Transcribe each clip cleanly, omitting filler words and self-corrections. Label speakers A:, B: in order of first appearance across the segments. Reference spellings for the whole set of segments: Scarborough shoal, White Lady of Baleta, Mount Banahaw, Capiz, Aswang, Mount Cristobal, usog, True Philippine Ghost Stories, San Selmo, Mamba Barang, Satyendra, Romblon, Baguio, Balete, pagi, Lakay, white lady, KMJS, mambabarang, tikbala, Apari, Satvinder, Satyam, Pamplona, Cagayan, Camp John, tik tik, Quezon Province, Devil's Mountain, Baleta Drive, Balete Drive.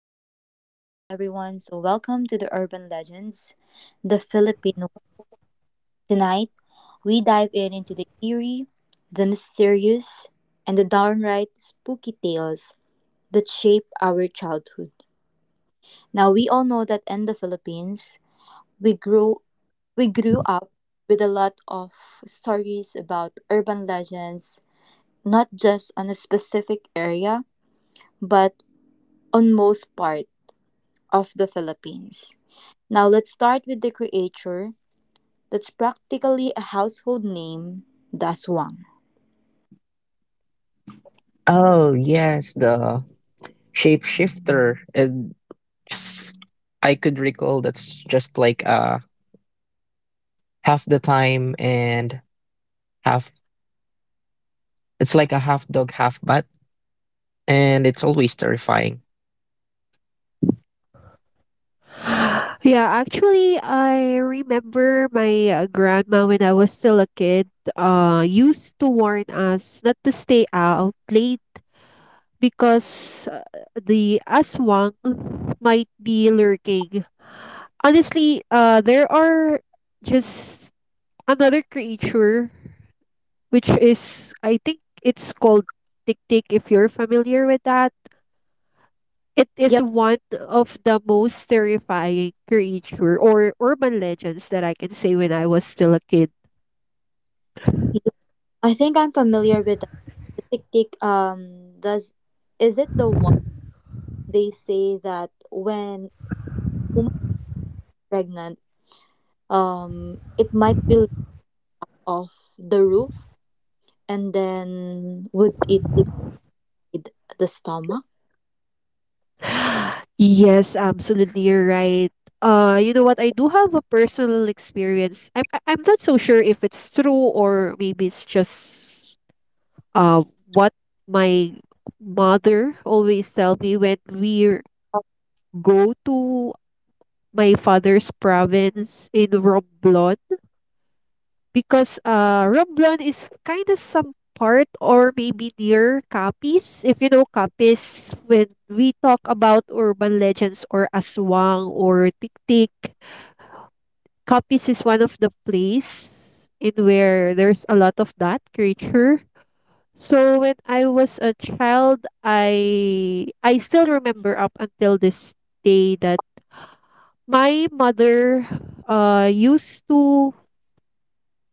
A: all right. Good day, everyone. So, welcome to the Urban Legends, the Filipino. Tonight, we dive in into the eerie, the mysterious, and the downright spooky tales that shape our childhood. Now, we all know that in the Philippines, we grow we grew up with a lot of stories about urban legends, not just on a specific area, but on most part of the Philippines. Now let's start with the creature that's practically a household name, the aswang.
B: Oh, yes, the shapeshifter. And if I could recall that's just like half the time and half it's like a half dog, half bat. And it's always terrifying.
C: Yeah, actually, I remember my grandma when I was still a kid, used to warn us not to stay out late because the aswang might be lurking. Honestly, there are just another creature, which is, I think it's called tik tik, if you're familiar with that. It is
A: Yep,
C: one of the most terrifying creature or urban legends that I can say when I was still a kid.
A: I think I'm familiar with that. The tick tick does, is it the one they say that when woman pregnant, it might be off the roof and then would it divide the stomach?
C: Yes, absolutely, you're right. You know what? I do have a personal experience. I'm not so sure if it's true or maybe it's just what my mother always tell me when we go to my father's province in Romblon because Romblon is kind of some part or maybe near Capiz. If you know Capiz, when we talk about urban legends or aswang or tiktik, Capiz is one of the place in where there's a lot of that creature. So when I was a child, I still remember up until this day that my mother used to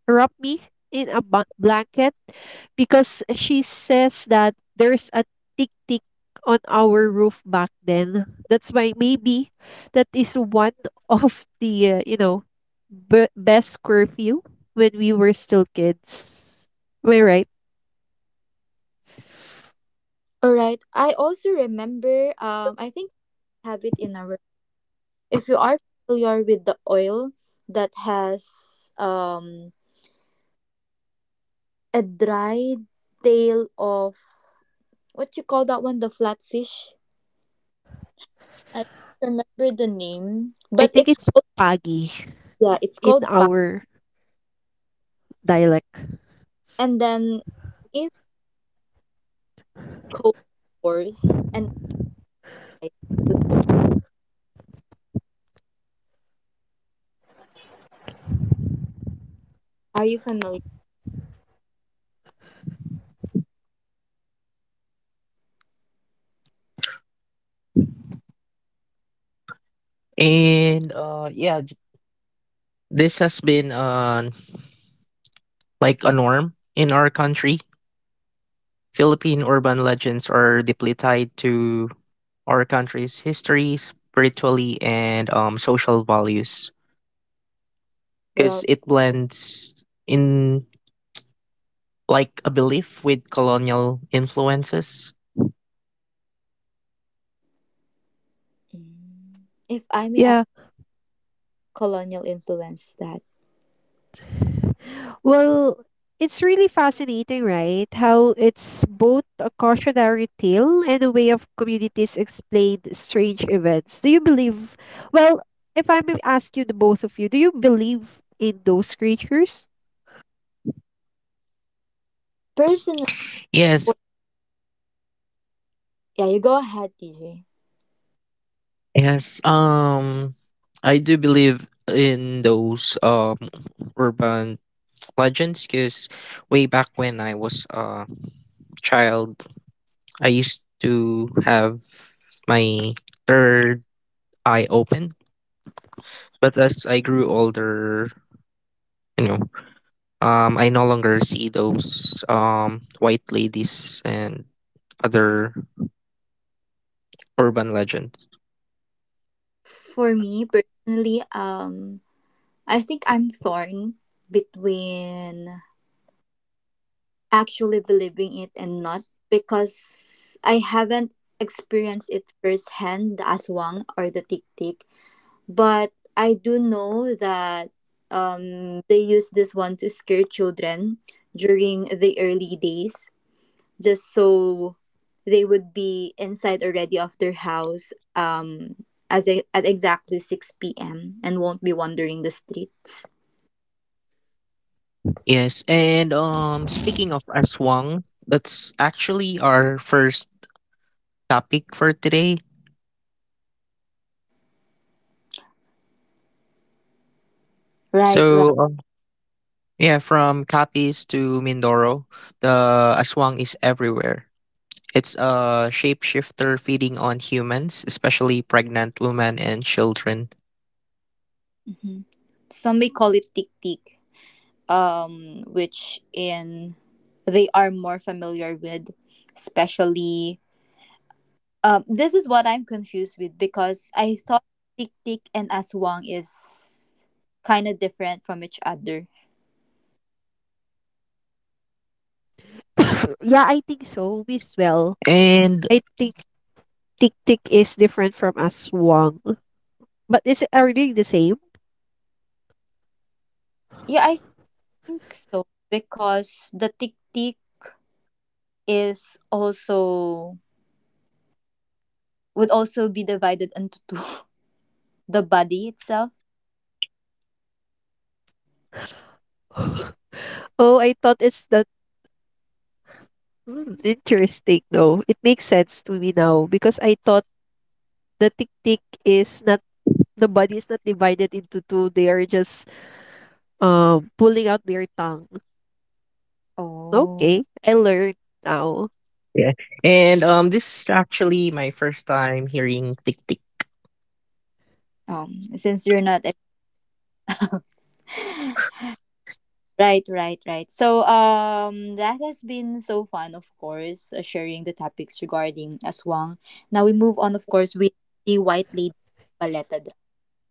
C: wrap me in a blanket because she says that there's a tick tick on our roof back then. That's why maybe that is one of the best curfew when we were still kids. Am I right?
A: All right. I also remember. I think we have it in our. If you are familiar with the oil that has a dried tail of what you call that one, the flatfish. I can't remember the name,
C: I
A: but
C: think
A: it's
C: it's
A: called,
C: pagi
A: yeah, it's
C: in
A: called pa.
C: our dialect.
A: And then if cold pours and I would boil. Are you familiar,
B: And yeah, j- this has been like a norm in our country. Philippine urban legends are deeply tied to our country's history, spirituality, and social values because
A: Rob?
B: it blends in like a belief with colonial influences.
A: Mm. If I may
C: Yeah,
A: colonial influence that
C: well, it's really fascinating, right? How it's both a cautionary tale and a way of communities explain strange events. Do you believe? Well, if I may ask you, the both of you, do you believe in those creatures?
A: personally,
B: Yes,
A: yeah, you go ahead, DJ.
B: yes. I do believe in those urban legends because way back when I was a child, I used to have my third eye open. But as I grew older, you know, I no longer see those white ladies and other urban legends.
A: For me personally, I think I'm torn between actually believing it and not, because I haven't experienced it firsthand, the aswang or the tik tik. But I do know that they use this one to scare children during the early days, just so they would be inside already of their house at exactly 6 p.m. and won't be wandering the streets.
B: Yes, and speaking of Aswang, that's actually our first topic for today.
A: Right, right.
B: So yeah, from Capiz to Mindoro, the aswang is everywhere. It's a shapeshifter feeding on humans, especially pregnant women and children.
A: Hmm. Some may call it tik tik, which in they are more familiar with, especially. This is what I'm confused with because I thought tik tik and aswang is kind of different from each other.
C: Yeah, I think so. We as well.
B: And
C: I think tik tik is different from aswang. But is it, are they the same?
A: Yeah, I think so because the tik tik is also would also be divided into two the body itself.
C: Oh, I thought it's that. Hmm, interesting, no? It makes sense to me now because I thought the tiktik is not the body is not divided into two. They are just pulling out their tongue.
A: Oh.
C: Okay, I learned now.
B: yeah, and this is actually my first time hearing tick tick.
A: Since you're not a- right, right, right. So, that has been so fun, of course, sharing the topics regarding aswang. Now we move on, of course, with the white lady paleta.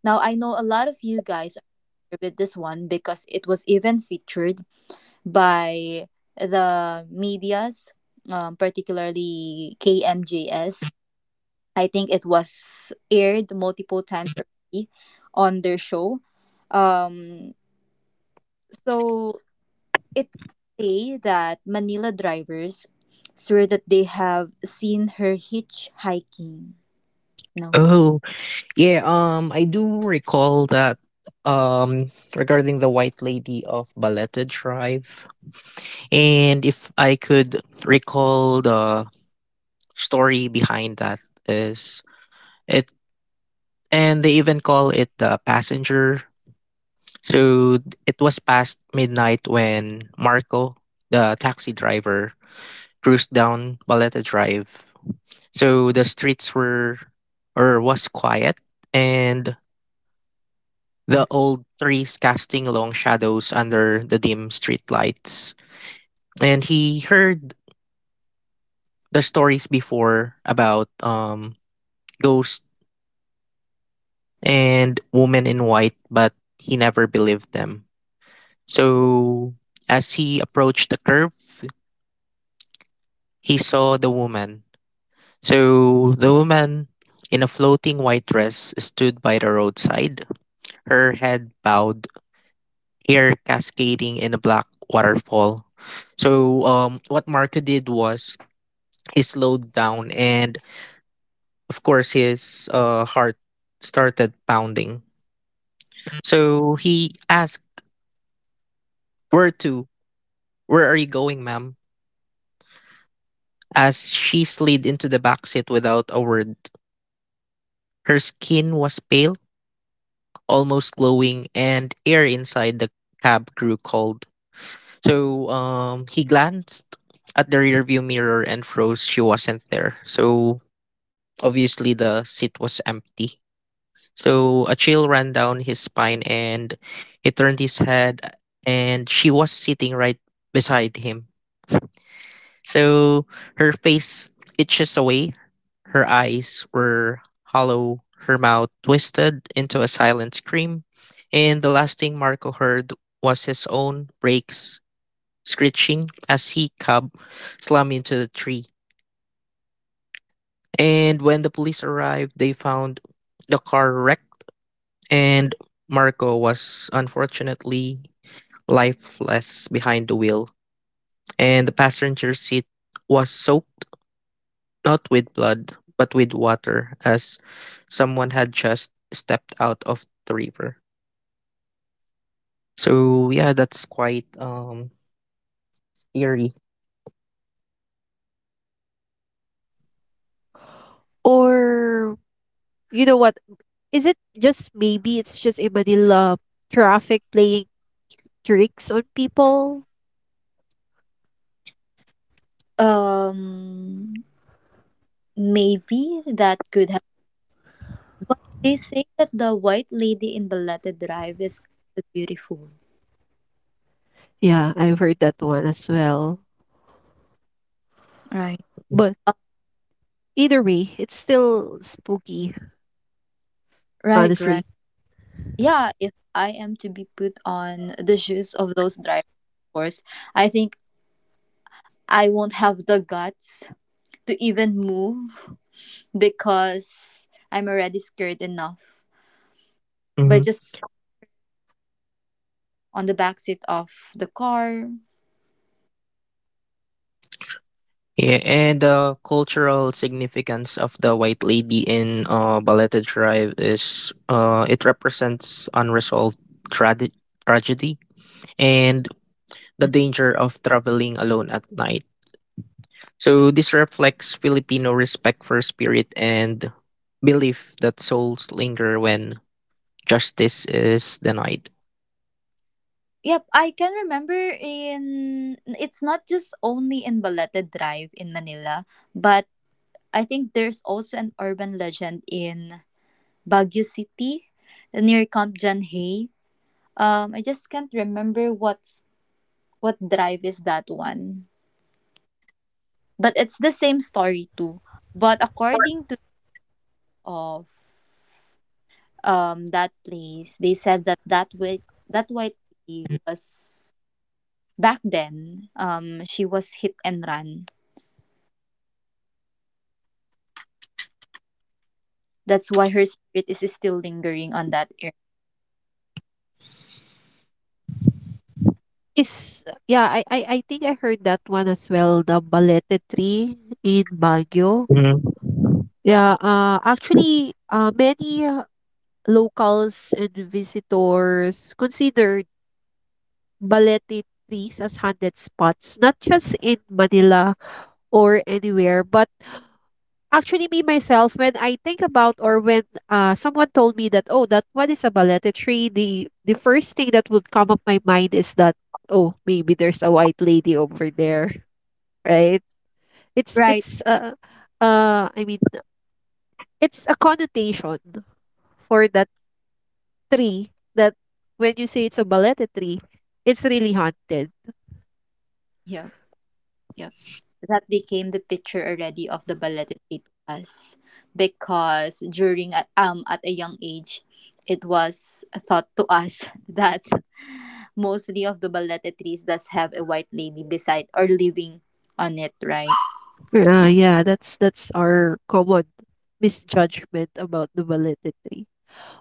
A: Now I know a lot of you guys are familiar with this one because it was even featured by the medias, particularly KMJS. I think it was aired multiple times already on their show. Um, so it say that Manila drivers swear that they have seen her hitchhiking. No.
B: Oh yeah, I do recall that um regarding the White Lady of Baleta tribe, and if I could recall the story behind that is it and they even call it the passenger. So it was past midnight when Marco, the taxi driver, cruised down Baleta Drive. So the streets were or was quiet and the old trees casting long shadows under the dim street lights. And he heard the stories before about ghosts and women in white, but he never believed them. So as he approached the curve, he saw the woman. So the woman in a floating white dress stood by the roadside, her head bowed, hair cascading in a black waterfall. So what Marco did was he slowed down, and of course his heart started pounding. So he asked where to where are you going, ma'am? As she slid into the backseat without a word, her skin was pale, almost glowing, and air inside the cab grew cold. So he glanced at the rearview mirror and froze. She wasn't there. So obviously the seat was empty. So a chill ran down his spine, and he turned his head, and she was sitting right beside him. So her face itches away. Her eyes were hollow, her mouth twisted into a silent scream, and the last thing Marco heard was his own brakes screeching as he cab slammed into the tree. And when the police arrived, they found the car wrecked, and Marco was unfortunately lifeless behind the wheel, and the passenger seat was soaked, not with blood, but with water, as someone had just stepped out of the river. So yeah, that's quite eerie.
C: Or you know what? Is it just maybe it's just a Manila traffic playing tricks on people?
A: Um, Maybe that could have. But they say that the white lady in Balete Drive is kind of beautiful.
C: Yeah, I've heard that one as well.
A: Right.
C: But either way, it's still spooky,
A: Right, right.
C: honestly.
A: Yeah, if I am to be put on the shoes of those drivers, of course, I think I won't have the guts to even move because I'm already scared enough.
B: Hmm.
A: But just on the backseat of the car.
B: Yeah, and the cultural significance of the White Lady in Baleta Drive is it represents unresolved tragedy, tragedy and the
A: Mm.
B: danger of traveling alone at night. So this reflects Filipino respect for spirit and belief that souls linger when justice is denied.
A: Yep, I can remember, in it's not just only in Baleta Drive in Manila, but I think there's also an urban legend in Baguio City near Camp John. I just can't remember what drive is that one. But it's the same story too. But according to of that place, they said that that white lady was back then. She was hit and run. That's why her spirit is still lingering on that area.
C: Is yeah, I think I heard that one as well, the Balete tree in Baguio.
B: Mhm.
C: Yeah, actually, many locals and visitors consider balete trees as haunted spots, not just in Manila or anywhere, but actually me myself, when I think about or when someone told me that, oh, that what is a balete tree, the first thing that would come up my mind is that, oh, maybe there's a white lady over there, right? It's,
A: Right.
C: it's, uh, I mean, it's a connotation for that tree that when you say it's a balete tree, it's really haunted.
A: Yeah. Yep. That became the picture already of the ballet it was because during at a young age it was thought to us that mostly of the ballet trees does have a white lady beside or living on it, right?
C: Yeah, that's our common misjudgment about the Balete tree.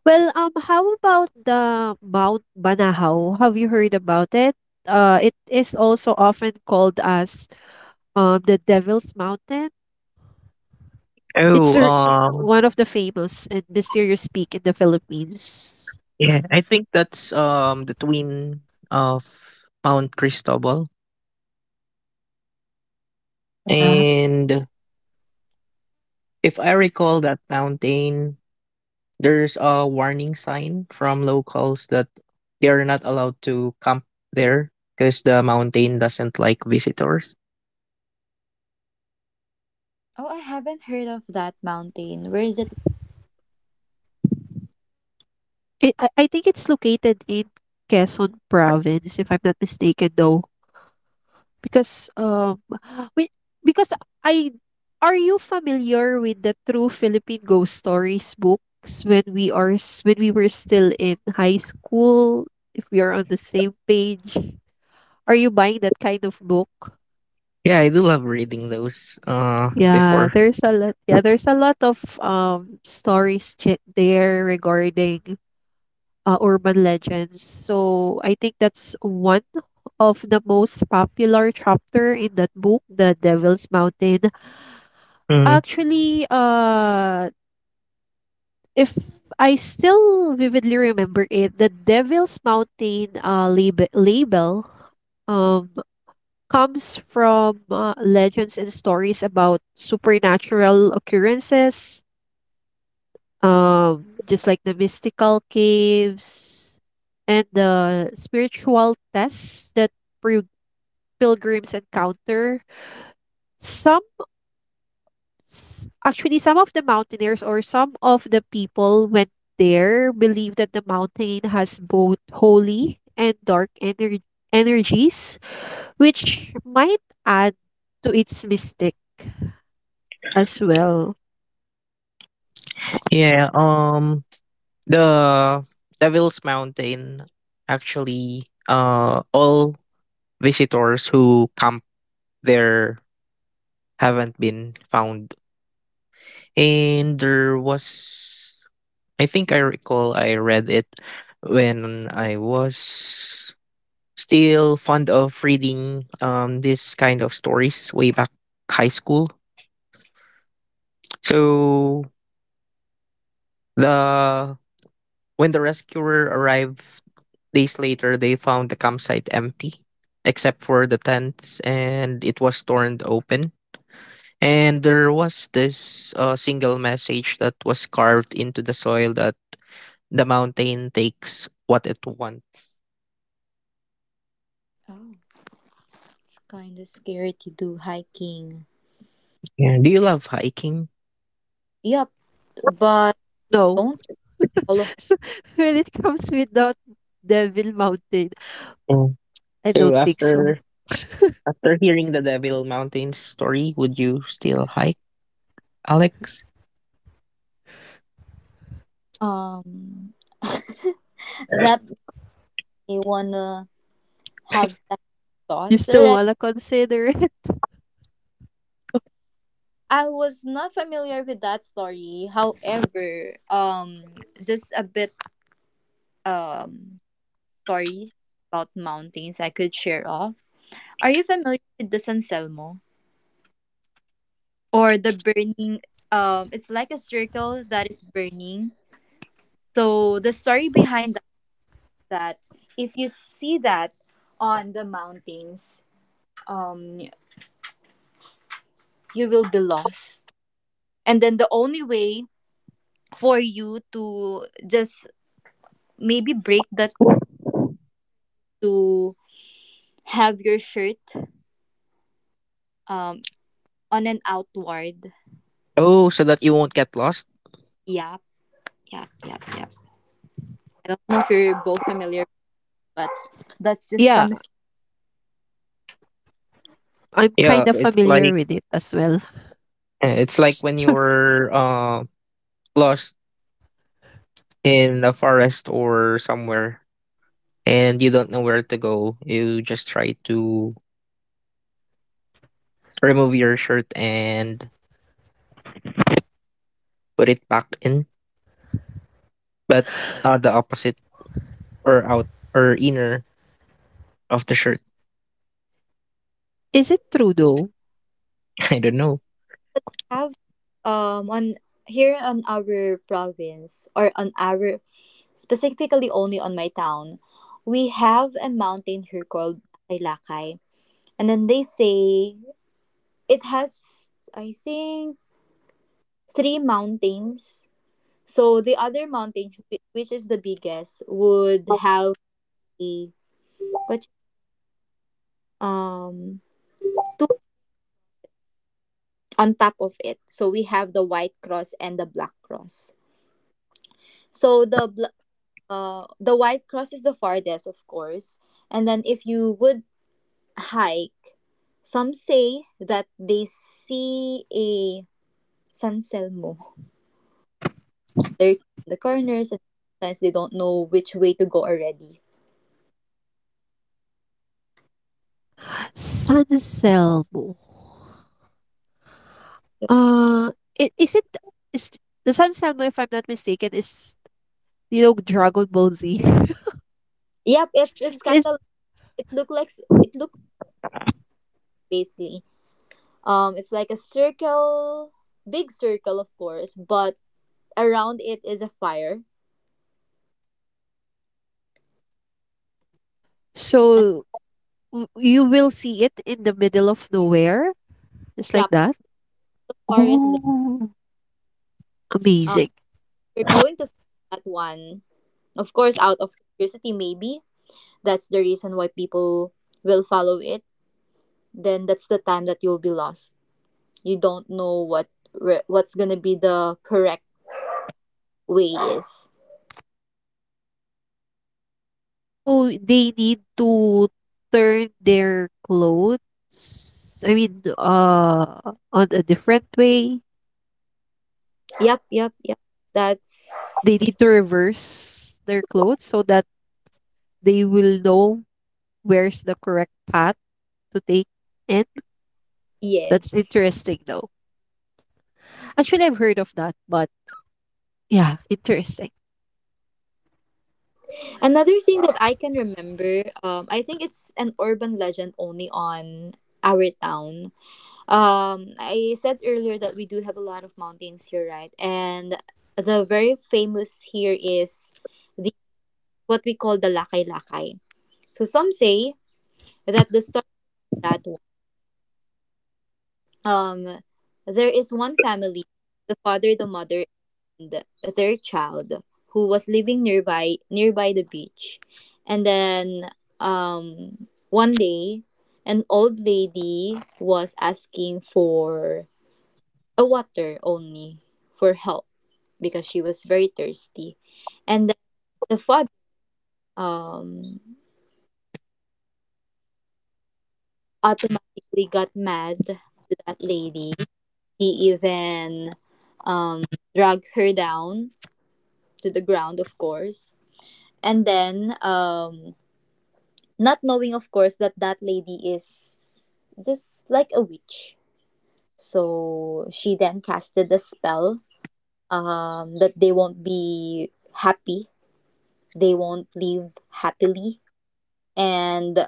C: Well, how about the Mount Banahaw? Have you heard about it? It is also often called as the Devil's Mountain. It's
B: Oh,
C: a, One of the famous and mysterious peak in the Philippines.
B: yeah, I think that's the twin of Mount Cristobal.
C: Yeah,
B: And if I recall that mountain, there's a warning sign from locals that they are not allowed to camp there because the mountain doesn't like visitors.
A: Oh, I haven't heard of that mountain. Where is it?
C: it, I think it's located in Quezon Province, if I'm not mistaken, though. Because we because I are you familiar with the True Philippine Ghost Stories books when when we were still in high school, if we are on the same page? Are you buying that kind of book?
B: Yeah, I do love reading those
C: Yeah,
B: before.
C: there's a lot. Yeah, there's a lot of stories there regarding urban legends. So I think that's one of the most popular chapter in that book, The Devil's Mountain.
B: Mhm.
C: Actually, if I still vividly remember it, the Devil's Mountain label um, comes from legends and stories about supernatural occurrences, just like the mystical caves and the spiritual tests that pri- pilgrims encounter. Some actually some of the mountaineers or some of the people went there believe that the mountain has both holy and dark energies which might add to its mystic as well.
B: Yeah, the Devil's Mountain actually all visitors who camp there haven't been found. And there was, I think I recall I read it when I was still fond of reading this kind of stories way back high school. So the when the rescuer arrived days later, they found the campsite empty, except for the tents, and it was torn open. And there was this single message that was carved into the soil that the mountain takes what it wants.
A: Oh, it's kind of scary to do hiking.
B: Yeah. Do you love hiking?
A: Yep, but
C: No.
A: don't follow.
C: When it comes without devil mountain,
B: Yeah.
C: I
B: So
C: don't think so.
B: after hearing the Devil Mountains story, would you still hike, Alex?
A: Um, that may wanna have second
C: You
A: thoughts
C: still
A: already.
C: wanna consider it?
A: I was not familiar with that story. However, just a bit um stories about mountains I could share off. Are you familiar with the San Selmo or the burning? It's like a circle that is burning. So the story behind that, that if you see that on the mountains, um, you will be lost. And then the only way for you to just maybe break that to have your shirt um on an outward.
B: Oh, so that you won't get lost?
A: Yeah, yeah, yeah, yeah. I don't know if you're both familiar, but that's just
C: Yeah,
A: some
C: I'm kind
B: Yeah,
C: of
B: it's
C: familiar
B: like
C: with it as well.
B: it's like when you're lost in a forest or somewhere and you don't know where to go. You just try to remove your shirt and put it back in, but the opposite or out or inner off the shirt.
C: Is it true though?
B: I don't know.
A: have on here on our province or on our specifically only on my town, we have a mountain here called Lakay. And then they say it has I think three mountains. So the other mountain, which is the biggest, would have the what you- um two on top of it. So we have the white cross and the black cross. So the white cross is the farthest, of course. And then if you would hike, some say that they see a San Selmo. They're in the corners and sometimes they don't know which way to go already.
C: San selmo. Uh, it is the Sun Selma, if I'm not mistaken, is you know Dragon Ball Z.
A: Yep, it's it's kind
C: Is
A: of, it looks basically. It's like a circle, big circle, of course, but around it is a fire. And
C: so w- you will see it in the middle of nowhere, just
A: yeah,
C: like that.
A: the fire is in the.
C: Oh,
A: Uh,
C: amazing!
A: we're going to that one, of course, out of curiosity, maybe. That's the reason why people will follow it. Then that's the time that you'll be lost. You don't know what's gonna be the correct way is.
C: So they need to turn their clothes. I mean, on a different way.
A: Yep, yep, yep.
C: They
A: That's
C: need to reverse their clothes so that they will know where's the correct path to take in. That's
A: yes.
C: interesting, though. Actually, I've heard of that, but yeah, interesting.
A: Right. Another thing that I can remember, I think it's an urban legend only on our town. I said earlier that we do have a lot of mountains here, right? And the very famous here is the what we call the Lakay Lakay. So some say that the story that um, there is one family, the father, the mother, a third child who was living nearby the beach. And then one day an old lady was asking for a water only for help because she was very thirsty. And then the father um automatically got mad to that lady. He even um dragged her down to the ground of course. And then not knowing of course that that lady is just like a witch, so she then casted a spell, that they won't be happy, they won't live happily, and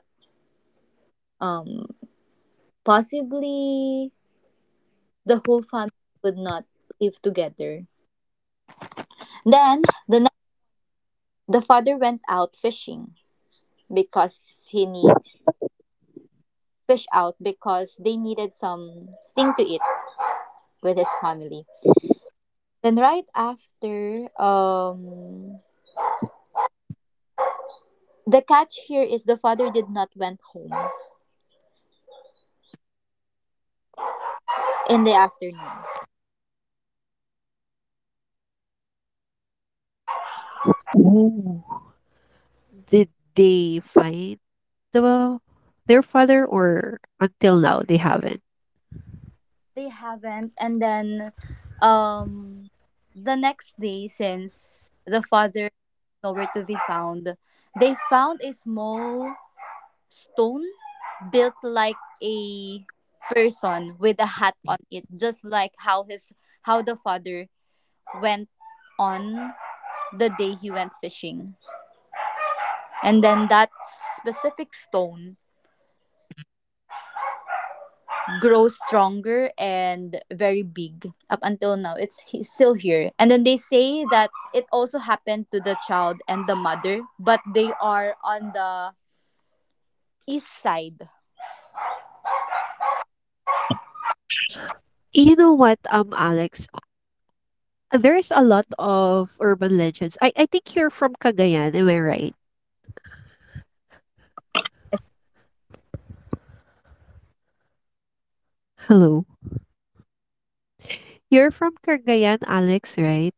A: um, possibly the whole family would not live together. Then the father went out fishing because he needs fish out because they needed something to eat with his family. Then right after, the catch here is the father did not went home in the afternoon.
C: Ooh. Did they find the their father, or until now they haven't?
A: They haven't, and then, um, the next day since the father nowhere to be found, they found a small stone built like a person with a hat on it, just like how the father went on the day he went fishing. And then that specific stone grows stronger and very big up until now. It's still here. And then they say that it also happened to the child and the mother, but they are on the east side.
C: You know what, Alex? There's a lot of urban legends. I think you're from Cagayan, am I right?
A: Yes.
C: Hello, you're from Cagayan, Alex, right?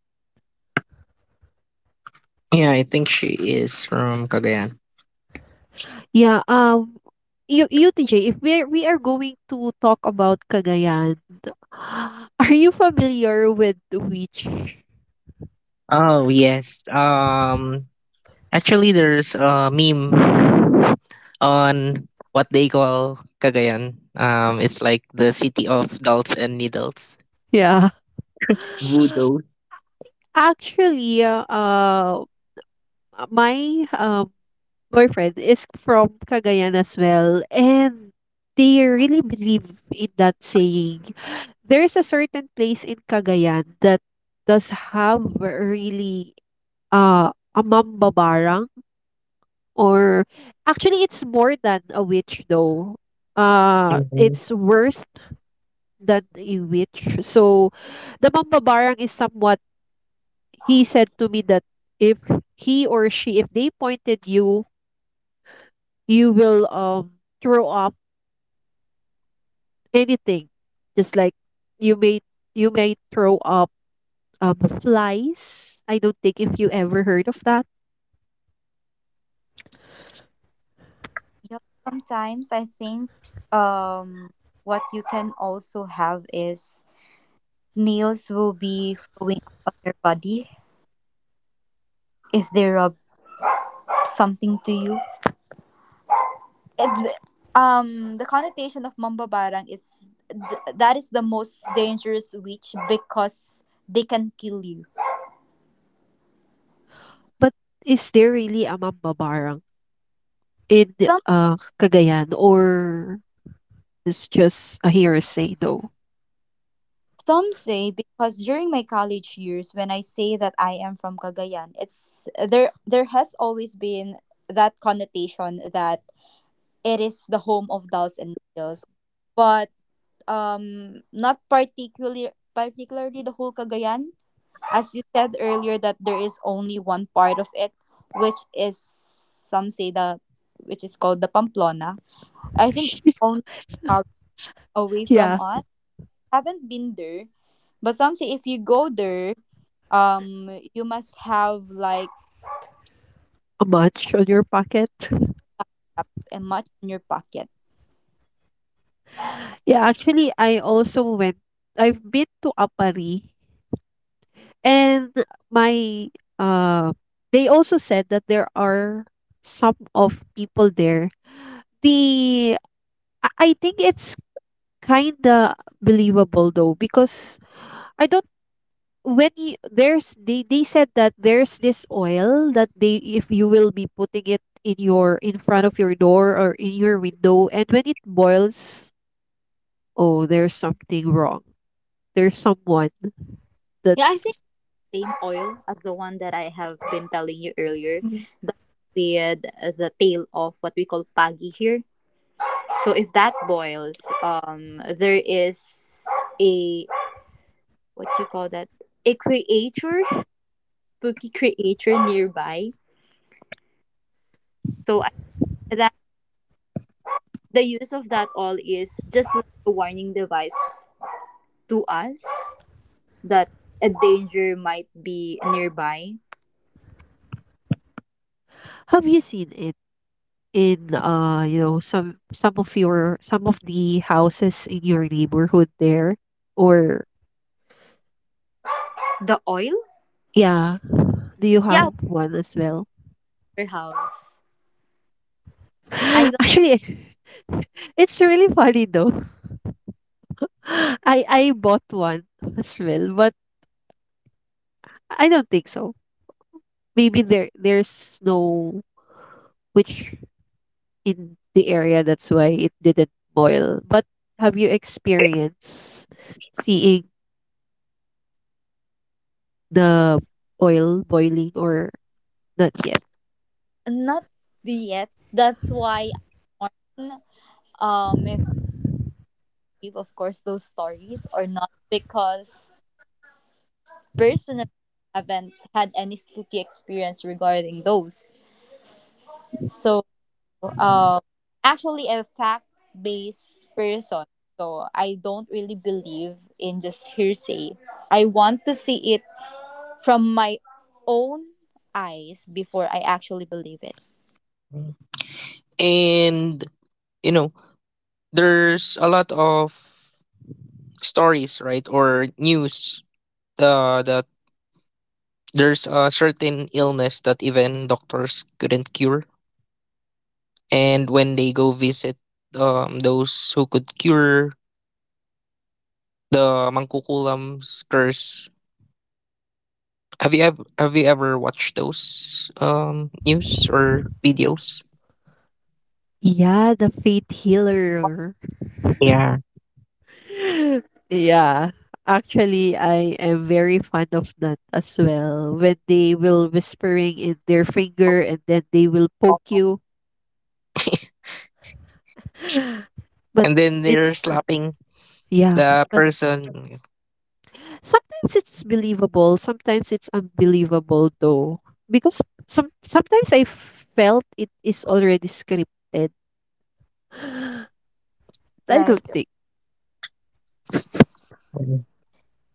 B: Yeah, I think she is from Cagayan.
C: Yeah. You, you TJ, if we are going to talk about Cagayan, are you familiar with the witch?
B: Oh yes. Um, actually, there's a meme on what they call Cagayan. It's like the city of dolls and needles.
C: Yeah.
B: Voodoo's.
C: Actually, my boyfriend is from Cagayan as well, and they really believe in that saying. There's a certain place in Cagayan that does have a really a mambabarang, or actually, it's more than a witch though.
B: Mhm.
C: It's worse than a witch. So, the mambabarang is somewhat he said to me that if he or she if they pointed you, you will throw up anything. Just like you may you may throw up flies. I don't think if you ever heard of that.
A: Yep. Sometimes I think um what you can also have is nails will be flowing up on your body if they rub something to you. It's the connotation of Mamba Barang is that is the most dangerous witch because they can kill you.
C: But is there really a mambabarang in
A: Some
C: Cagayan or it's just a hearsay though?
A: some say because during my college years when I say that I am from Cagayan, it's there there has always been that connotation that it is the home of dolls and needles. But not particularly the whole Cagayan. As you said earlier, that there is only one part of it, which is some say the, which is called the Pamplona. I think it's only hour away from
C: Yeah,
A: us. Haven't been there, but some say if you go there, you must have like
C: a munch on your pocket.
A: a much in your pocket.
C: Yeah, actually, I also went. I've been to Apari, and my uh, they also said that there are some of people there. The I think it's kinda believable though because I don't when you, there's they said that there's this oil that they if you will be putting it in your in front of your door or in your window and when it boils, oh, there's something wrong, there's someone
A: Yeah, I think
C: that's.
A: same oil as the one that I have been telling you earlier.
C: Mm.
A: The with the tail of what we call pagi here. So if that boils, there is a, what you call that, a creature, spooky creature nearby. So I, that the use of that all is just like a warning device to us that a danger might be nearby.
C: Have you seen it in you know some of your some of the houses in your neighborhood there or
A: The oil,
C: yeah do you have
A: yeah,
C: one as well?
A: warehouse. I don't.
C: Actually, it's really funny though. I bought one as well, but I don't think so. Maybe there there's no which in the area that's why it didn't boil. But have you experienced seeing the oil boiling or not yet?
A: Not yet. That's why I'm on, if I believe, of course those stories or not, because personally I haven't had any spooky experience regarding those. So, uh, actually a fact-based person. So I don't really believe in just hearsay. I want to see it from my own eyes before I actually believe it.
B: And you know, there's a lot of stories, right, or news that there's a certain illness that even doctors couldn't cure, and when they go visit those who could cure the mangkukulam's curse. Have you ever watched those news or videos?
C: Yeah, the faith healer.
B: Yeah.
C: Yeah. Actually, I am very fond of that as well. When they will whispering in their finger and then they will poke you. But
B: And then they're
C: it's
B: slapping
C: yeah,
B: the
C: but
B: person.
C: sometimes it's believable, sometimes it's unbelievable though. Because sometimes I felt it is already scripted. I don't
A: Right.
C: think.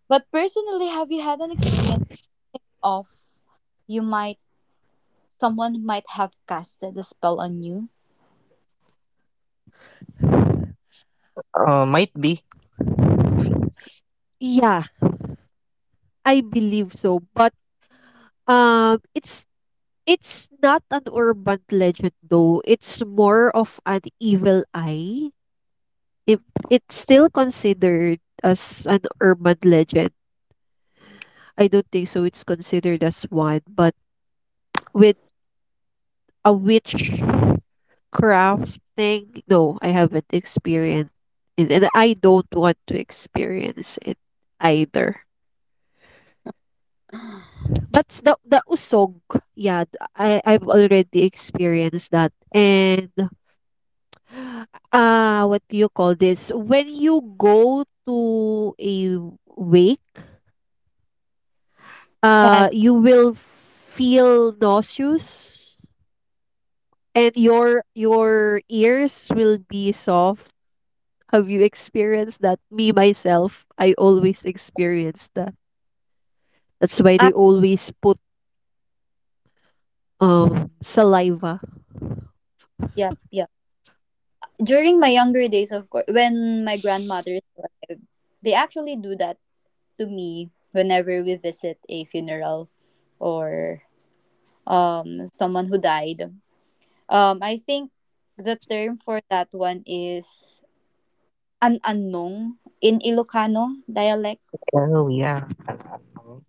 A: But personally, have you had an experience of, you might, someone might have casted a spell on you?
B: Might be.
C: Yeah, I believe so. But um it's it's not an urban legend though. It's more of an evil eye. If it's still considered as an urban legend. I don't think so it's considered as one, but with a witch crafting. No, I haven't experienced it, and I don't want to experience it either. But the usog, yeah, I I've already experienced that, and what do you call this? When you go to a wake,
A: Yes.
C: you will feel nauseous, and your ears will be soft. Have you experienced that? Me myself, I always experience that. That's why they
A: I,
C: always put saliva.
A: yep, yep. During my younger days, of course, when my grandmother is alive, they actually do that to me whenever we visit a funeral or someone who died. I think the term for that one is an anong in Ilocano dialect,
B: Oh yeah.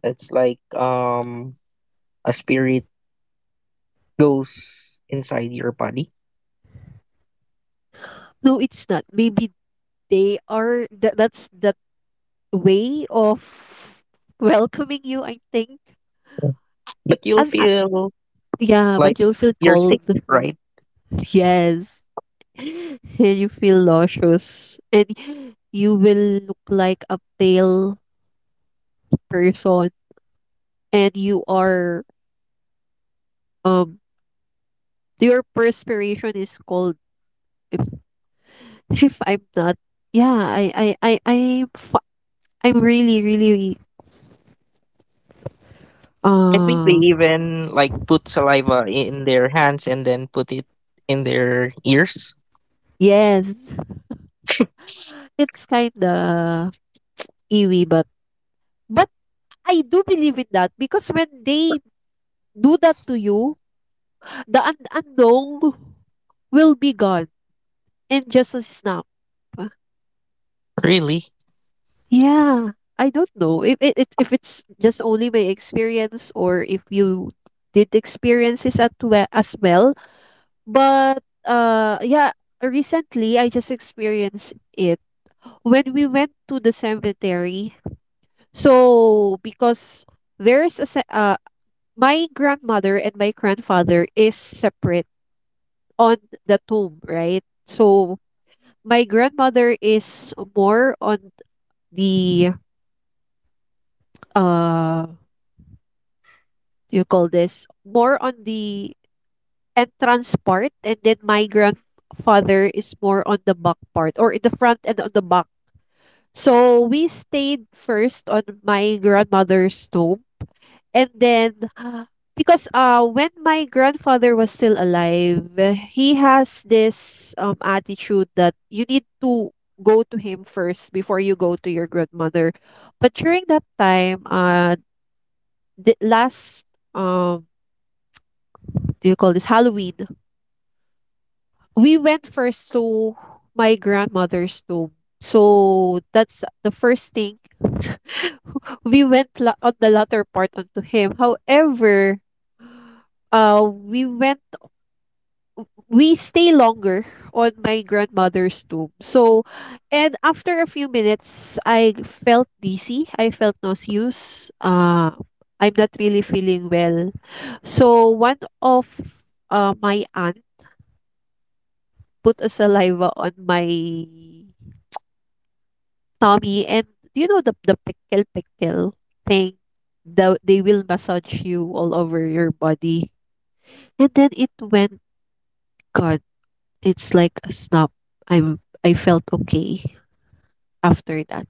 B: It's like a spirit goes inside your body,
C: No, it's not. Maybe they are that that's that way of welcoming you, I think.
B: but you'll
C: And
B: feel
C: yeah, but
B: like
C: you'll feel
B: you're sick,
C: cold.
B: right?
C: Yes. And you feel nauseous. And you will look like a pale person and you are um your perspiration is cold. If I'm not yeah, I, I, i I f I'm really, really,
B: I think they
C: uh
B: even like put saliva in their hands and then put it in their ears.
C: yes. It's kinda iwi, but I do believe in that because when they do that to you, the un unknown will be gone in just a snap. Uh,
B: Really?
C: Yeah, I don't know if it if it's just only my experience or if you did experiences at we as well. But, yeah, recently I just experienced it when we went to the cemetery. So, because there's a ce- uh, my grandmother and my grandfather is separate on the tomb, right? So, my grandmother is more on the uh you call this more on the entrance part and then my grandfather is more on the back part or in the front and on the back. So we stayed first on my grandmother's tomb. And then, because when my grandfather was still alive, he has this attitude that you need to go to him first before you go to your grandmother. But during that time, the last, um, do you call this Halloween? We went first to my grandmother's tomb. So that's the first thing on the latter part onto him. However, uh, we went, we stay longer on my grandmother's tomb. So, and after a few minutes, I felt dizzy. I felt nauseous. I'm not really feeling well. So, one of my aunt put a saliva on my Tommy and do you know the pickle thing, they will massage you all over your body and then it went God, it's like a snap. I'm I felt okay after that.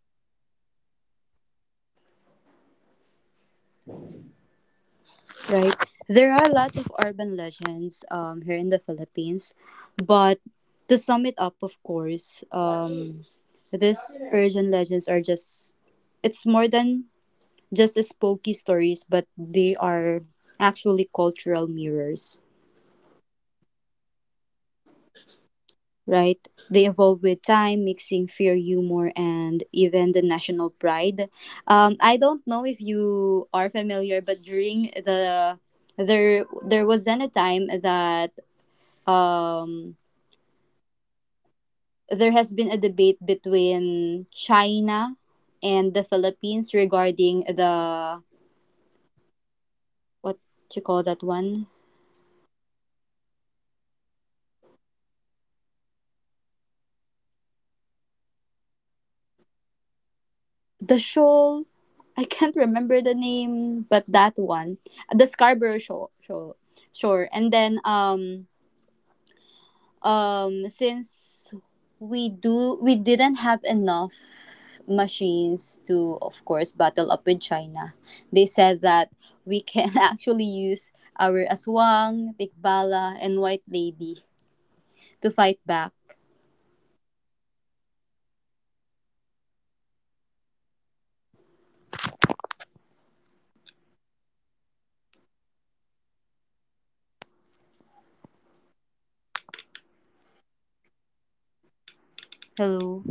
A: right? There are lots of urban legends here in the Philippines, but to sum it up, of course, these urban legends are just, it's more than just as spooky stories, but they are actually cultural mirrors, right? They evolve with time, mixing fear, humor, and even the national pride. I don't know if you are familiar, but during the there was then a time that um there has been a debate between China and the Philippines regarding the what you call that one, the shoal. I can't remember the name, but that one, the Scarborough shoal, shoal, shore. And then since we didn't have enough machines to of course battle up with China. They said that we can actually use our aswang, tikbala and white lady to fight back. Hello.